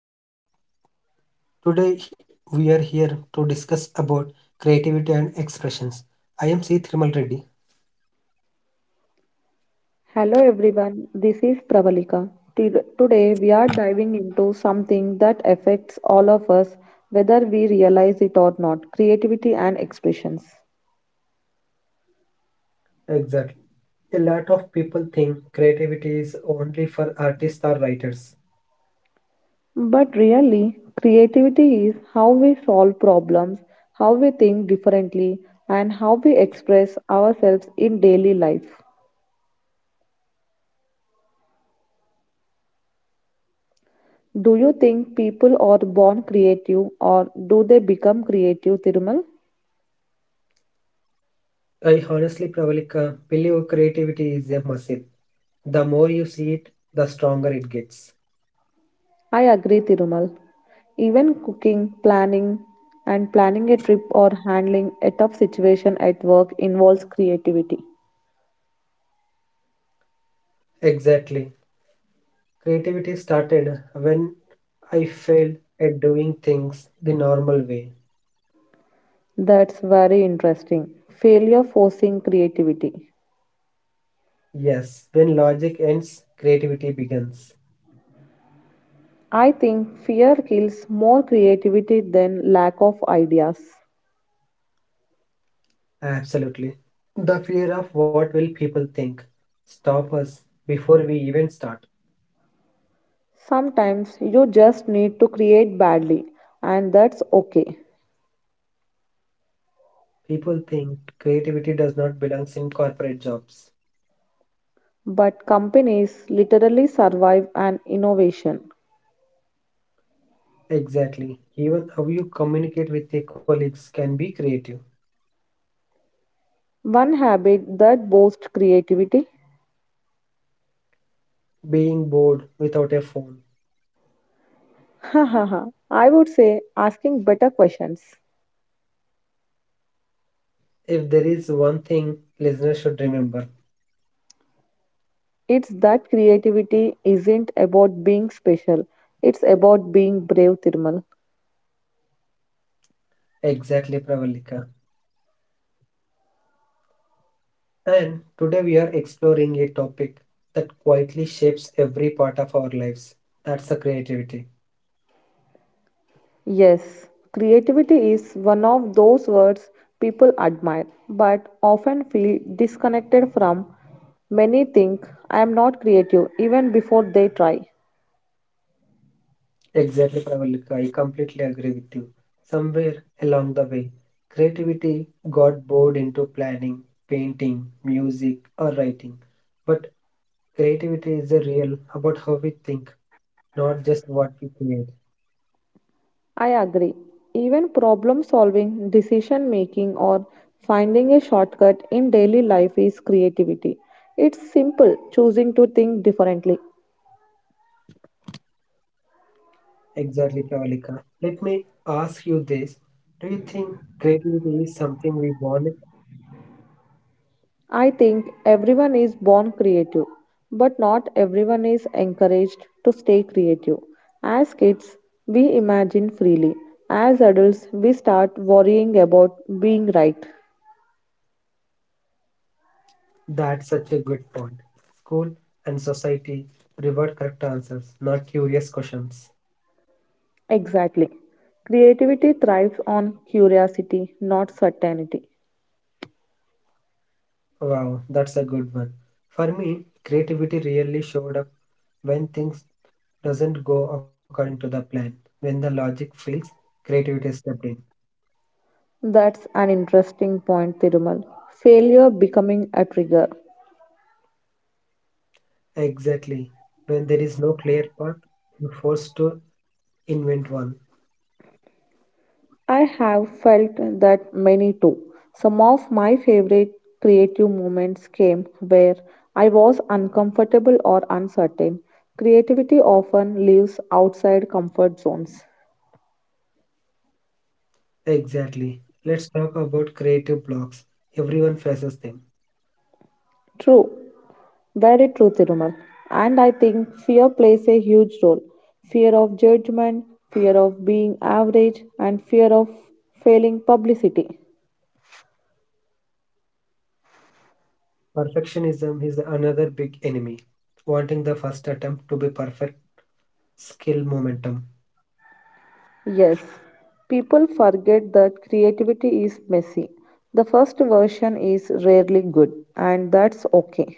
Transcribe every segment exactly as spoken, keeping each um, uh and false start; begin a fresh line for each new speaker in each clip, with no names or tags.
Hello everyone. Today we are here to discuss about creativity and expressions. I am C. Thirmal Reddy.
Hello everyone, this is Pravalika. T- Today we are diving into something that affects all of us, whether we realize it or not creativity and expressions.
Exactly. A lot of people think creativity is only for artists or writers.
But really, creativity is how we solve problems, how we think differently, and how we express ourselves in daily life. Do you think people are born creative or do they become creative, Thirumal?
I honestly Pravalika believe creativity is a muscle. The more you see it, the stronger it gets.
I agree, Tirumal. Even cooking, planning, and planning a trip or handling a tough situation at work involves creativity.
Exactly. Creativity started when I failed at doing things the normal way.
That's very interesting. Failure forcing creativity.
Yes, when logic ends, creativity begins.
I think fear kills more creativity than lack of ideas.
Absolutely. The fear of what will people think stop us before we even start.
Sometimes you just need to create badly, and that's okay.
People think creativity does not belong in corporate jobs.
But companies literally survive an innovation.
Exactly. Even how you communicate with your colleagues can be creative.
One habit that boosts creativity.
Being bored without a phone.
Ha ha ha. I would say asking better questions.
If there is one thing listeners should remember,
It's that creativity isn't about being special, it's about being brave, Thirmal.
exactly Pravalika. And today we are exploring a topic that quietly shapes every part of our lives. That's the creativity.
Yes, creativity is one of those words people admire but often feel disconnected from. Many think I am not creative even before they try.
Exactly, Pravalika. I completely agree with you. Somewhere along the way, creativity got bored into planning, painting, music, or writing. But creativity is a real about how we think, not just what we create.
I agree. Even problem solving, decision making, or finding a shortcut in daily life is creativity. It's simple choosing to think differently.
Exactly, Pravalika. Let me ask you this. Do you think creativity is something we want?
I think everyone is born creative, but not everyone is encouraged to stay creative. As kids, we imagine freely. As adults, we start worrying about being right.
That's such a good point. School and society reward correct answers, not curious questions.
Exactly. Creativity thrives on curiosity, not certainty.
Wow, that's a good one. For me, creativity really showed up when things doesn't go according to the plan. When the logic fails, creativity stepped in.
That's an interesting point, Thirumal. Failure becoming a trigger.
Exactly. When there is no clear path, you're forced to invent one.
I have felt that many too. Some of my favorite creative moments came where I was uncomfortable or uncertain. Creativity often lives outside comfort zones.
Exactly. Let's talk about creative blocks. Everyone faces them.
True, very true, Thirumal. And I think fear plays a huge role. Fear of judgment, fear of being average, and fear of failing publicity.
Perfectionism is another big enemy. Wanting the first attempt to be perfect, skill momentum.
Yes, people forget that creativity is messy. The first version is rarely good, and that's okay.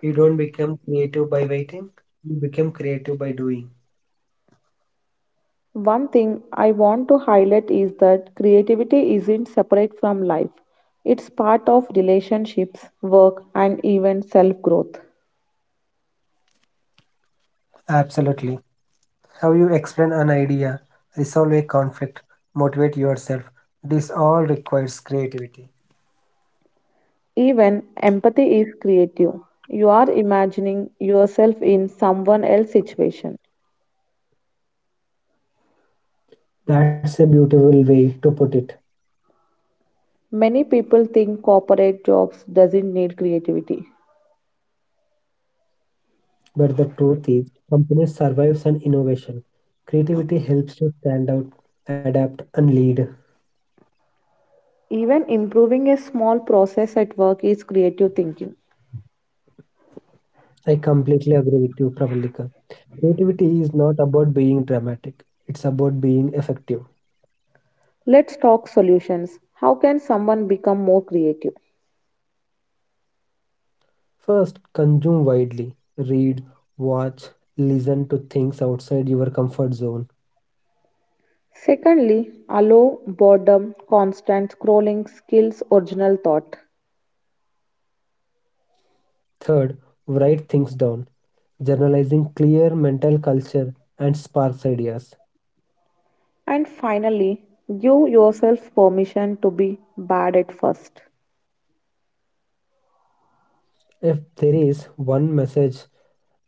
You don't become creative by waiting, you become creative by doing.
One thing I want to highlight is that creativity isn't separate from life, it's part of relationships, work, and even self growth.
Absolutely. How you explain an idea, resolve a conflict, motivate yourself, this all requires creativity.
Even empathy is creative. You are imagining yourself in someone else's situation.
That's a beautiful way to put it.
Many people think corporate jobs doesn't need creativity.
But the truth is, companies survive on innovation. Creativity helps to stand out, adapt, and lead.
Even improving a small process at work is creative thinking.
I completely agree with you, Pravalika. Creativity is not about being dramatic, it's about being effective.
Let's talk solutions. How can someone become more creative?
First, consume widely. Read, watch, listen to things outside your comfort zone.
Secondly, allow boredom, constant scrolling, skills original thought.
Third, write things down. Journalizing clear mental culture and sparks ideas.
And finally, give yourself permission to be bad at first.
If there is one message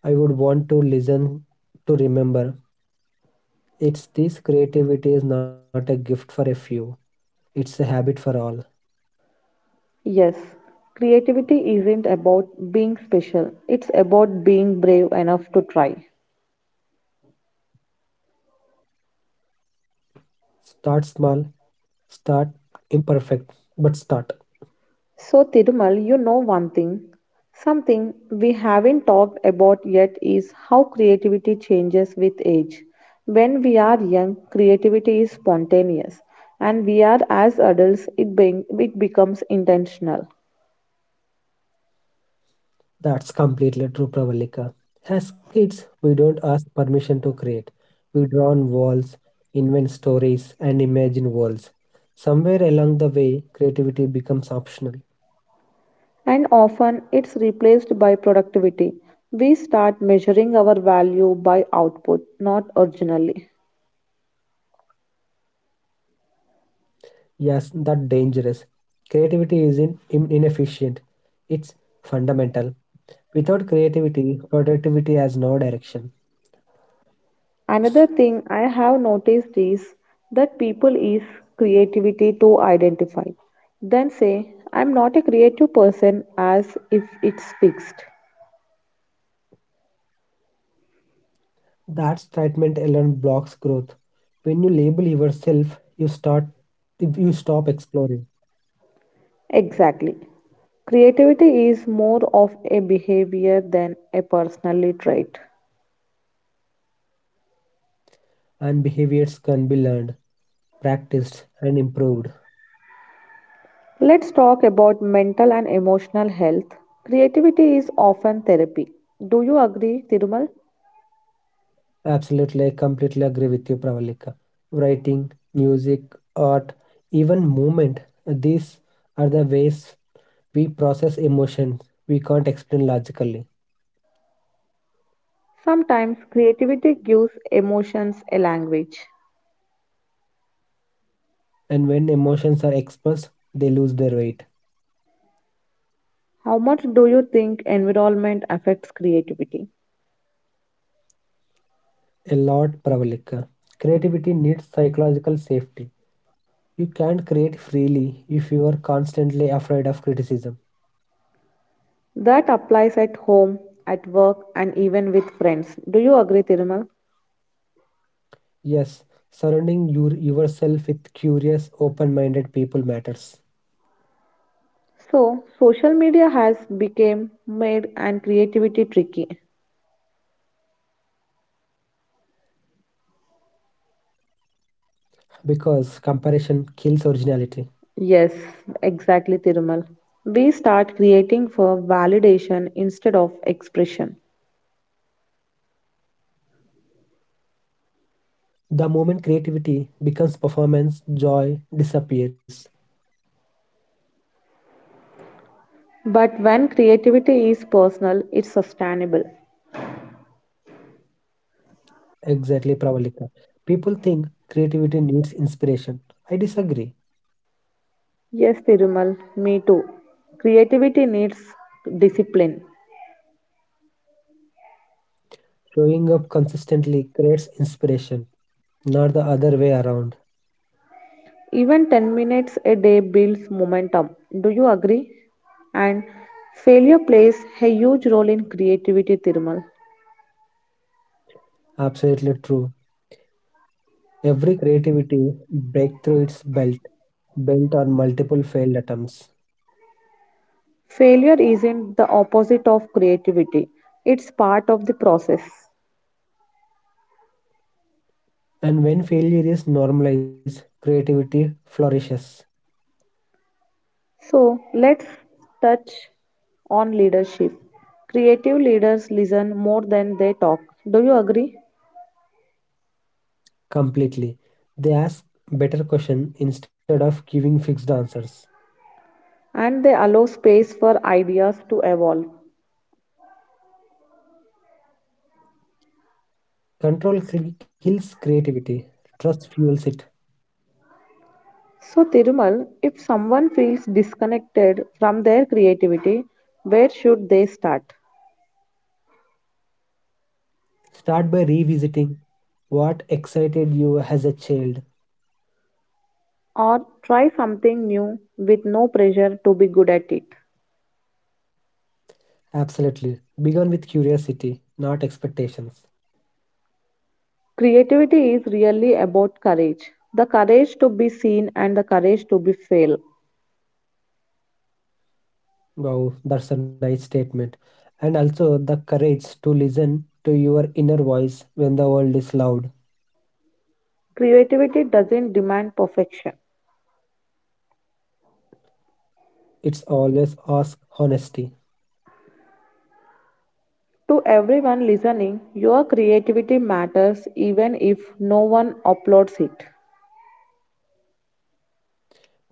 I would want to listen to remember, it's this creativity is not a gift for a few, it's a habit for all.
Yes, creativity isn't about being special, it's about being brave enough to try.
Start small, start imperfect, but start.
So, Tirumal, you know one thing. Something we haven't talked about yet is how creativity changes with age. When we are young, creativity is spontaneous, and we are as adults, it, being, it becomes intentional.
That's completely true, Pravalika. As kids, we don't ask permission to create. We draw on walls, invent stories, and imagine worlds. Somewhere along the way, creativity becomes optional.
And often it's replaced by productivity. We start measuring our value by output, not originally.
Yes, that dangerous. Creativity isn't in- inefficient. It's fundamental. Without creativity, productivity has no direction.
Another thing I have noticed is that people use creativity to identify, then say, I'm not a creative person as if it's fixed.
That statement alone blocks growth. When you label yourself, you start you stop exploring,
Exactly. Creativity is more of a behavior than a personality trait.
and behaviors can be learned practiced and improved.
Let's talk about mental and emotional health. Creativity is often therapy. Do you agree, Tirumal?
Absolutely, I completely agree with you, Pravalika. Writing, music, art, even movement, these are the ways we process emotions we can't explain logically.
Sometimes creativity gives emotions a language.
And when emotions are expressed, they lose their weight.
How much do you think environment affects creativity?
A lot, Pravalika. Creativity needs psychological safety. You can't create freely if you are constantly afraid of criticism.
That applies at home, at work, and even with friends. Do you agree, Thirumal?
Yes, surrounding your, yourself with curious, open minded people matters.
So, social media has become made and creativity tricky.
Because comparison kills originality.
Yes, exactly, Thirumal. We start creating for validation instead of expression.
The moment creativity becomes performance, joy disappears.
But when creativity is personal, it's sustainable.
Exactly, Pravalika. People think creativity needs inspiration. I disagree.
Yes, Thirumal, me too. Creativity needs discipline.
Showing up consistently creates inspiration, not the other way around.
Even ten minutes a day builds momentum. Do you agree? And failure plays a huge role in creativity, Thirmal.
Absolutely true. Every creativity breakthrough its belt, built on multiple failed attempts.
Failure isn't the opposite of creativity, it's part of the process.
And when failure is normalized, creativity flourishes.
So, let's touch on leadership. Creative leaders listen more than they talk. Do you agree?
Completely. They ask better questions instead of giving fixed answers.
And they allow space for ideas to evolve.
Control cl- kills creativity, trust fuels it.
So, Tirumal, if someone feels disconnected from their creativity, where should they start?
Start by revisiting what excited you as a child.
Or try something new with no pressure to be good at it.
Absolutely. Begin with curiosity, not expectations.
Creativity is really about courage the courage to be seen and the courage to be fail.
Wow, that's a nice statement. And also the courage to listen to your inner voice when the world is loud.
Creativity doesn't demand perfection.
It's always ask honesty
To everyone listening, your creativity matters even if no one uploads it.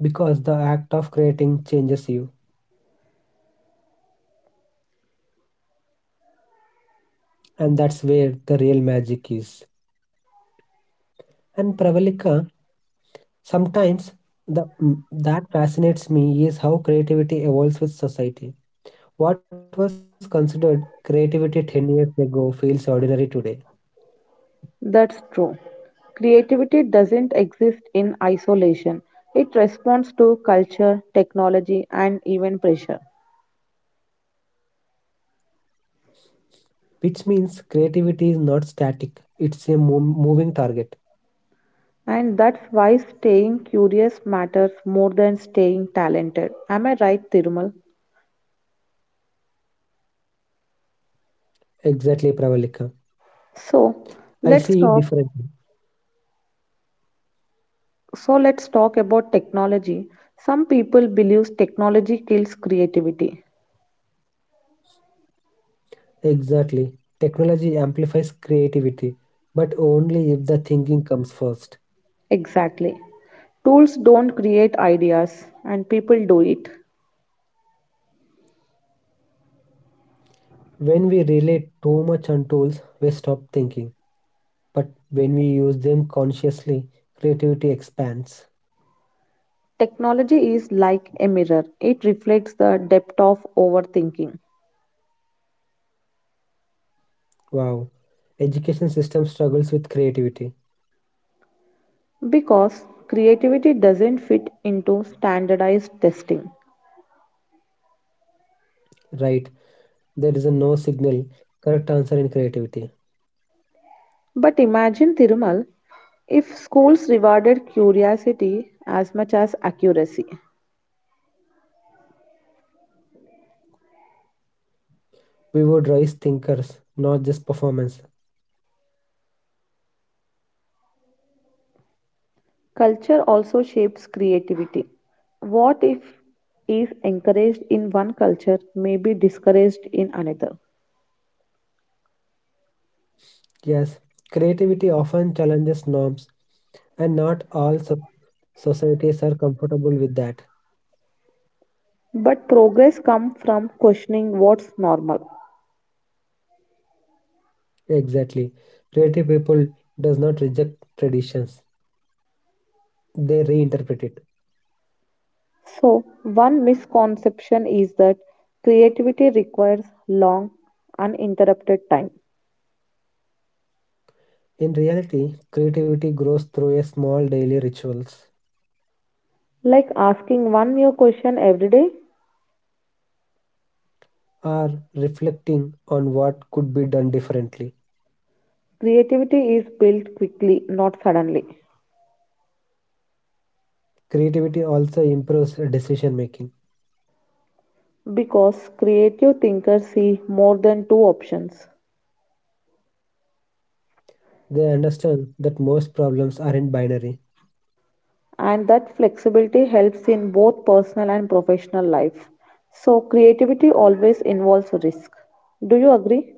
because the act of creating changes you. And that's where the real magic is. And Pravalika, sometimes the mm, that fascinates me is how creativity evolves with society. What was considered creativity ten years ago feels ordinary today,
That's true. Creativity doesn't exist in isolation. It responds to culture, technology, and even pressure.
which means creativity is not static, it's a mo- moving target.
And that's why staying curious matters more than staying talented. Am I right, Tirumal?
Exactly, Pravalika. I
So
see it
let's
differently.
talk. So let's talk about technology. Some people believe technology kills creativity.
Exactly. Technology amplifies creativity, but only if the thinking comes first.
Exactly. Tools don't create ideas, and people do it.
When we rely too much on tools, we stop thinking. But when we use them consciously, creativity expands.
Technology is like a mirror, it reflects the depth of overthinking
Wow. Education system struggles with creativity,
because creativity doesn't fit into standardized testing.
right? There is a no signal correct answer in creativity.
But imagine, Thirumal, if schools rewarded curiosity as much as accuracy,
We would raise thinkers, not just performance.
culture also shapes creativity. What if is encouraged in one culture may be discouraged in another?
Yes, creativity often challenges norms, and not all so- societies are comfortable with that.
But progress comes from questioning what's normal.
Exactly. Creative people does not reject traditions. They reinterpret it.
So, one misconception is that creativity requires long, uninterrupted time.
In reality, creativity grows through a small daily rituals
Like asking one new question every day,
or reflecting on what could be done differently.
creativity is built quickly, not suddenly.
Creativity also improves decision making.
Because creative thinkers see more than two options,
They understand that most problems aren't binary.
and that flexibility helps in both personal and professional life. So, creativity always involves risk. Do you agree?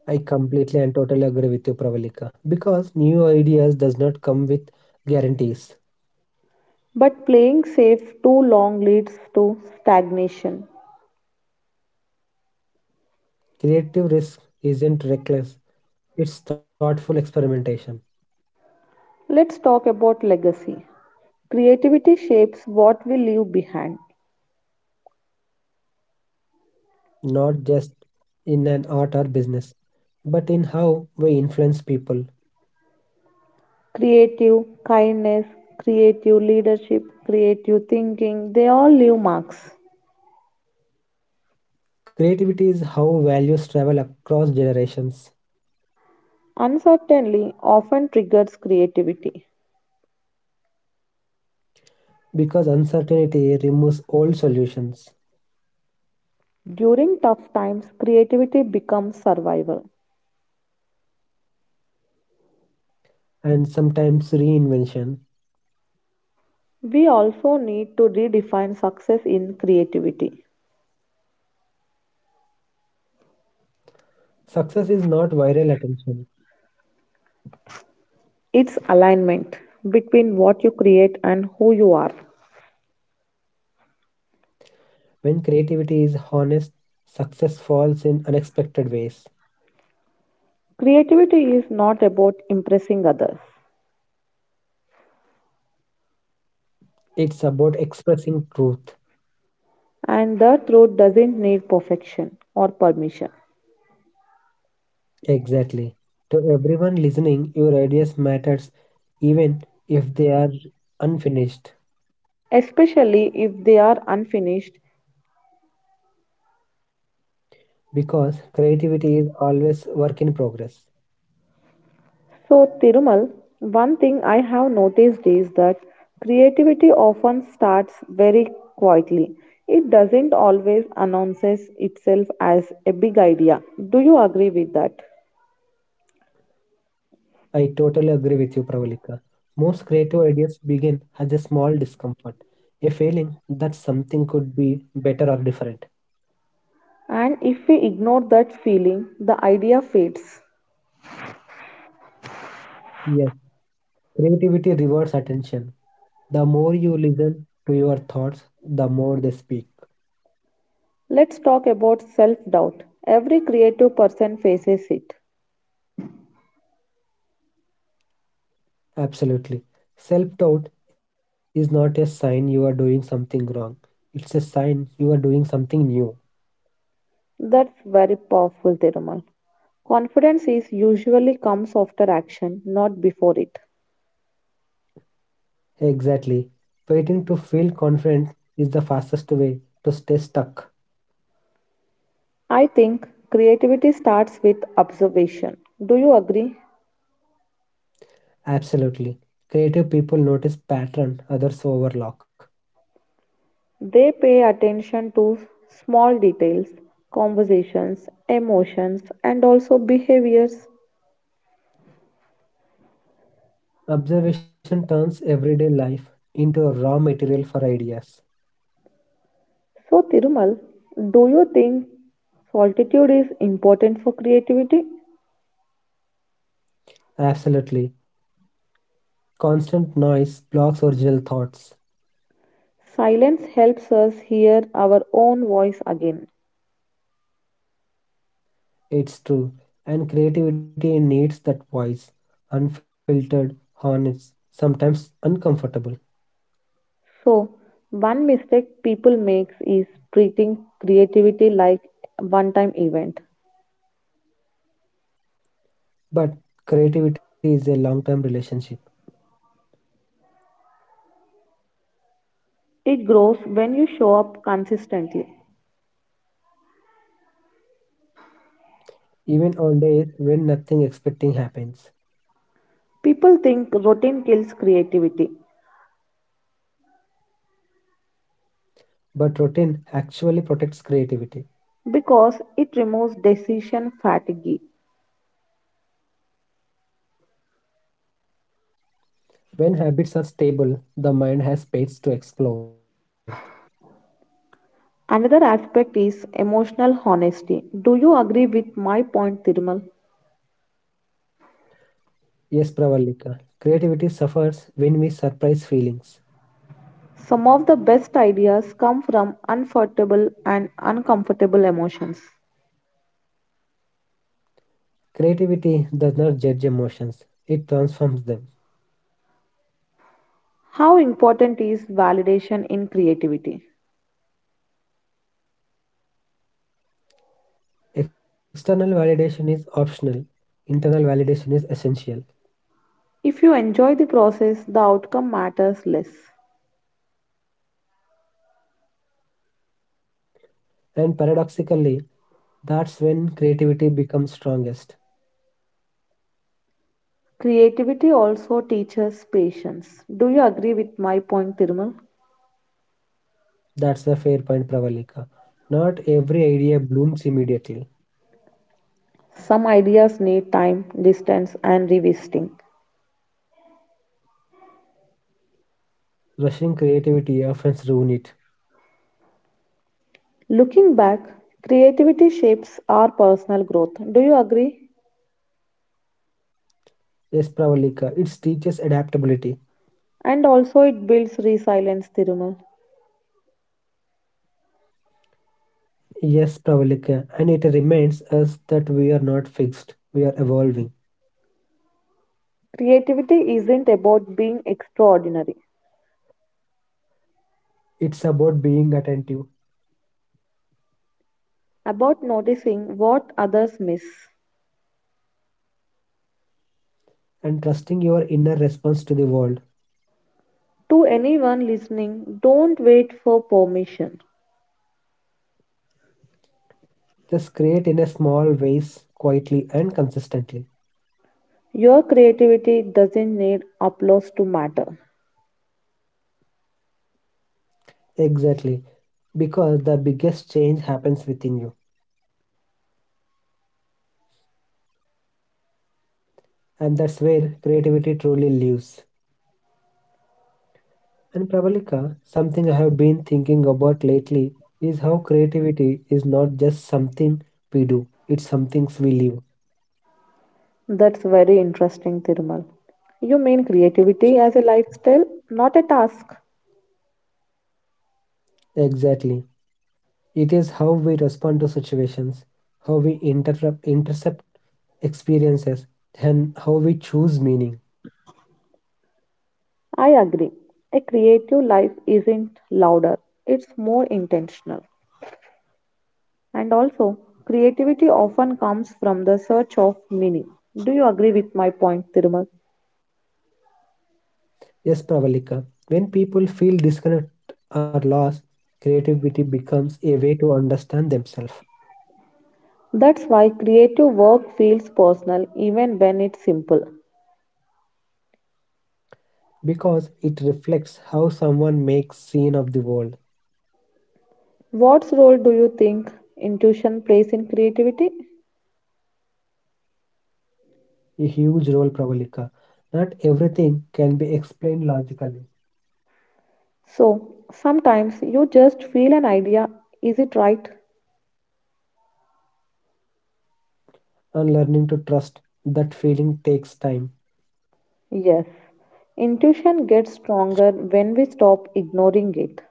I completely and totally agree with you, Pravalika. Because new ideas does not come with guarantees.
But playing safe too long leads to stagnation.
Creative risk isn't reckless. It's thoughtful experimentation,
Let's talk about legacy. Creativity shapes what we leave behind.
not just in an art or business, but in how we influence people.
Creative kindness, creative leadership, creative thinking, they all leave marks.
Creativity is how values travel across generations
Uncertainty often triggers creativity.
because uncertainty removes old solutions
During tough times, creativity becomes survival.
and sometimes reinvention.
We also need to redefine success in creativity.
Success is not viral attention.
It's alignment between what you create and who you are.
When creativity is honest, success falls in unexpected ways.
Creativity is not about impressing others,
It's about expressing truth.
and the throat doesn't need perfection or permission,
Exactly. To everyone listening, your ideas matters even if they are unfinished
especially if they are unfinished.
because creativity is always work in progress.
So, Tirumal, one thing I have noticed is that creativity often starts very quietly. It doesn't always announces itself as a big idea. Do you agree with that?
I totally agree with you, Pravalika. Most creative ideas begin as a small discomfort, a feeling that something could be better or different.
And if we ignore that feeling, the idea fades.
Yes, creativity rewards attention. The more you listen to your thoughts, the more they speak.
Let's talk about self doubt. Every creative person faces it.
Absolutely. Self doubt is not a sign you are doing something wrong, it's a sign you are doing something new.
That's very powerful, Thirumal. Confidence is usually comes after action, not before it.
Exactly. Waiting to feel confident is the fastest way to stay stuck.
I think creativity starts with observation. Do you agree?
Absolutely. Creative people notice pattern others overlook.
They pay attention to small details, conversations, emotions, and also behaviors.
Observation turns everyday life into a raw material for ideas.
So, Thirumal, do you think solitude is important for creativity?
Absolutely. Constant noise blocks original thoughts.
Silence helps us hear our own voice again.
It's true. And creativity needs that voice. Unfiltered, honest, sometimes uncomfortable.
So, one mistake people makes is treating creativity like one-time event.
But creativity is a long-term relationship.
It grows when you show up consistently.
Even on days when nothing expecting happens.
People think routine kills creativity
But routine actually protects creativity.
because it removes decision fatigue.
When habits are stable, the mind has space to explore.
Another aspect is emotional honesty. Do you agree with my point, Thirumal?
Yes, Pravalika. Creativity suffers when we surprise feelings.
Some of the best ideas come from uncomfortable and uncomfortable emotions.
Creativity does not judge emotions, it transforms them.
How important is validation in creativity?
External validation is optional, internal validation is essential.
If you enjoy the process, the outcome matters less.
And paradoxically, that's when creativity becomes strongest.
Creativity also teaches patience. Do you agree with my point, Thirumal?
That's a fair point, Pravalika. Not every idea blooms immediately.
Some ideas need time, distance, and revisiting.
Rushing creativity often ruins it.
Looking back, creativity shapes our personal growth. Do you agree?
Yes, Pravalika, it teaches adaptability.
And also, it builds resilience, Thirumal.
Yes, Pravalika, and it reminds us that we are not fixed, we are evolving.
Creativity isn't about being extraordinary,
It's about being attentive
about noticing what others miss.
and trusting your inner response to the world.
To anyone listening, don't wait for permission.
Just create in a small ways, quietly and consistently.
Your creativity doesn't need applause to matter.
Exactly, because the biggest change happens within you, and that's where creativity truly lives. And Pravalika, something I have been thinking about lately is how creativity is not just something we do, it's something we live.
That's very interesting, Thirumal. You mean creativity as a lifestyle, not a task?
Exactly. It is how we respond to situations, how we interrupt, intercept experiences, and how we choose meaning.
I agree. A creative life isn't louder, it's more intentional. And also, creativity often comes from the search of meaning. Do you agree with my point, Thirumal?
Yes, Pravalika, when people feel disconnect or lost, creativity becomes a way to understand themselves
That's why creative work feels personal even when it's simple.
because it reflects how someone makes scene of the world.
What role do you think intuition plays in creativity?
A huge role, Pravalika. Not everything can be explained logically,
So sometimes you just feel an idea. Is it right?
and learning to trust that feeling takes time.
Yes. Intuition gets stronger when we stop ignoring it.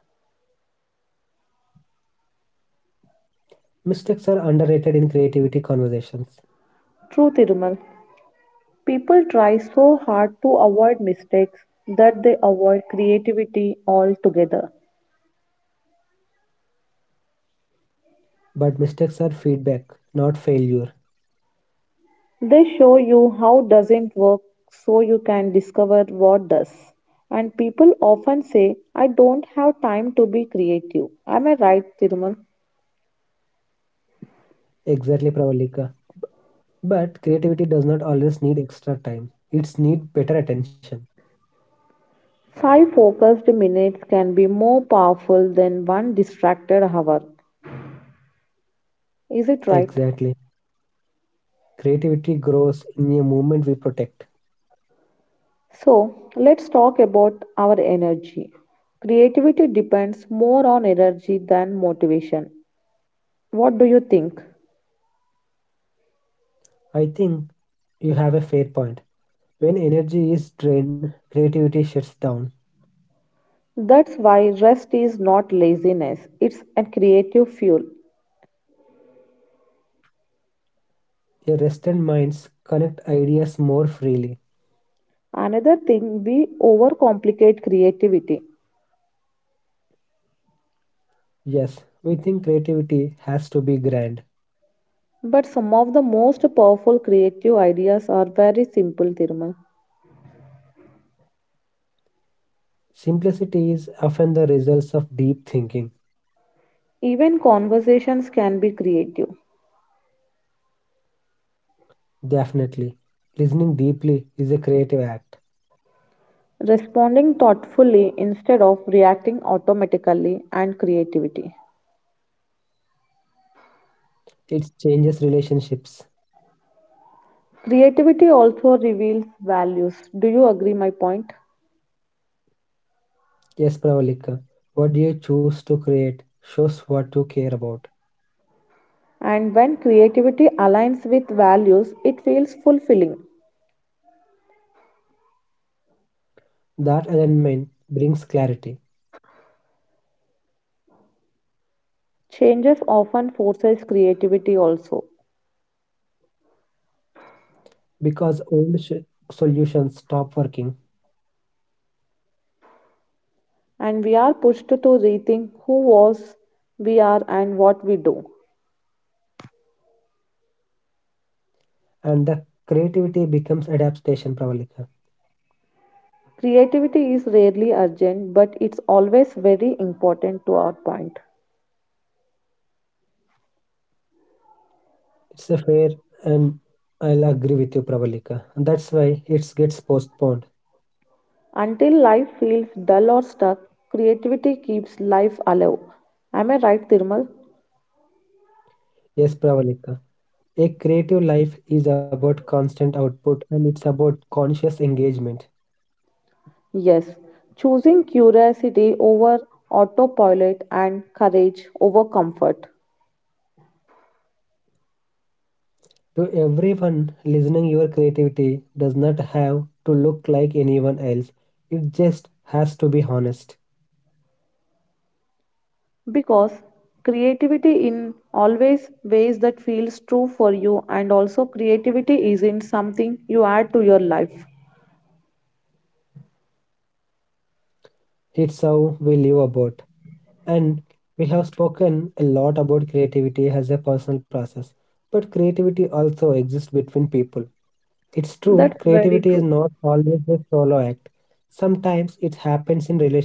Mistakes are underrated in creativity conversations.
True, Tirumal. People try so hard to avoid mistakes that they avoid creativity altogether.
But mistakes are feedback, not failure.
They show you how doesn't work so you can discover what does. And people often say, I don't have time to be creative. Am I right, Tirumal?
Exactly, Pravalika. But creativity does not always need extra time. It's need better attention.
Five focused minutes can be more powerful than one distracted hour. Is it right?
Exactly. Creativity grows in a moment we protect.
So, let's talk about our energy. Creativity depends more on energy than motivation. What do you think?
I think you have a fair point. When energy is drained, creativity shuts down.
That's why rest is not laziness, it's a creative fuel.
A rested minds connect ideas more freely.
Another thing, we overcomplicate creativity.
Yes, we think creativity has to be grand.
But some of the most powerful creative ideas are very simple, Thirumal.
Simplicity is often the results of deep thinking.
Even conversations can be creative.
Definitely. Listening deeply is a creative act.
Responding thoughtfully instead of reacting automatically and creativity.
It changes relationships.
Creativity also reveals values. Do you agree my point?
Yes, Pravalika. What you choose to create shows what you care about.
And when creativity aligns with values, it feels fulfilling.
That alignment brings clarity
Changes often forces creativity also.
because old sh- solutions stop working
And we are pushed to rethink who was we are and what we do.
and the creativity becomes adaptation, Pravalika.
Creativity is rarely urgent, but it's always very important to our point.
It's a fair and I'll agree with you, Pravalika. That's why it gets postponed.
Until life feels dull or stuck, creativity keeps life alive. Am I right, Thirmal?
Yes, Pravalika. A creative life is about constant output and it's about conscious engagement.
Yes. Choosing curiosity over autopilot and courage over comfort.
To everyone listening, your creativity does not have to look like anyone else. It just has to be honest.
Because creativity in always ways that feels true for you and also creativity isn't something you add to your life.
It's how we live about. And we have spoken a lot about creativity as a personal process, but creativity also exists between people. It's true,
That's
creativity is
very
not
true.
always a solo act. Sometimes it happens in relationship,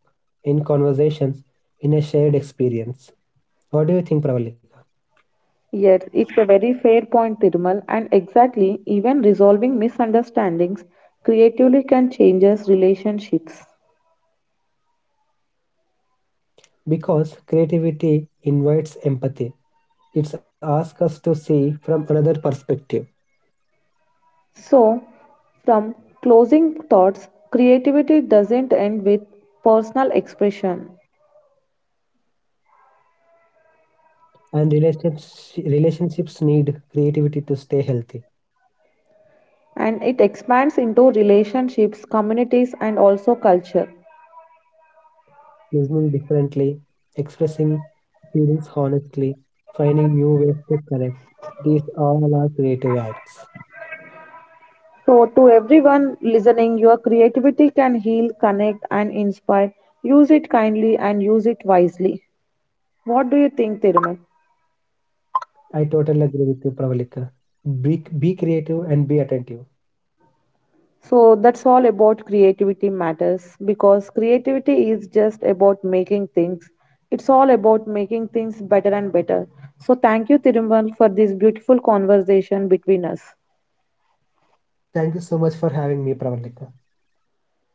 in conversations, in a shared experience. What do you think, Pravalika?
Yes, it's a very fair point, Tirmal, and exactly, even resolving misunderstandings creatively can changes relationships.
Because creativity invites empathy. It's asks us to see from another perspective.
So, from closing thoughts, creativity doesn't end with personal expression
And relationships, relationships need creativity to stay healthy.
and it expands into relationships, communities, and also culture.
Listening differently, expressing feelings honestly, finding new ways to connect. These all are creative acts.
So, to everyone listening, your creativity can heal, connect, and inspire. Use it kindly and use it wisely. What do you think, Tirumal?
I totally agree with you, Pravalika. Be, be creative and be attentive.
So that's all about creativity matters because creativity is just about making things. It's all about making things better and better. So thank you, Thirumal, for this beautiful conversation between us.
Thank you so much for having me, Pravalika.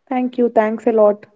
Thank you. Thanks a lot.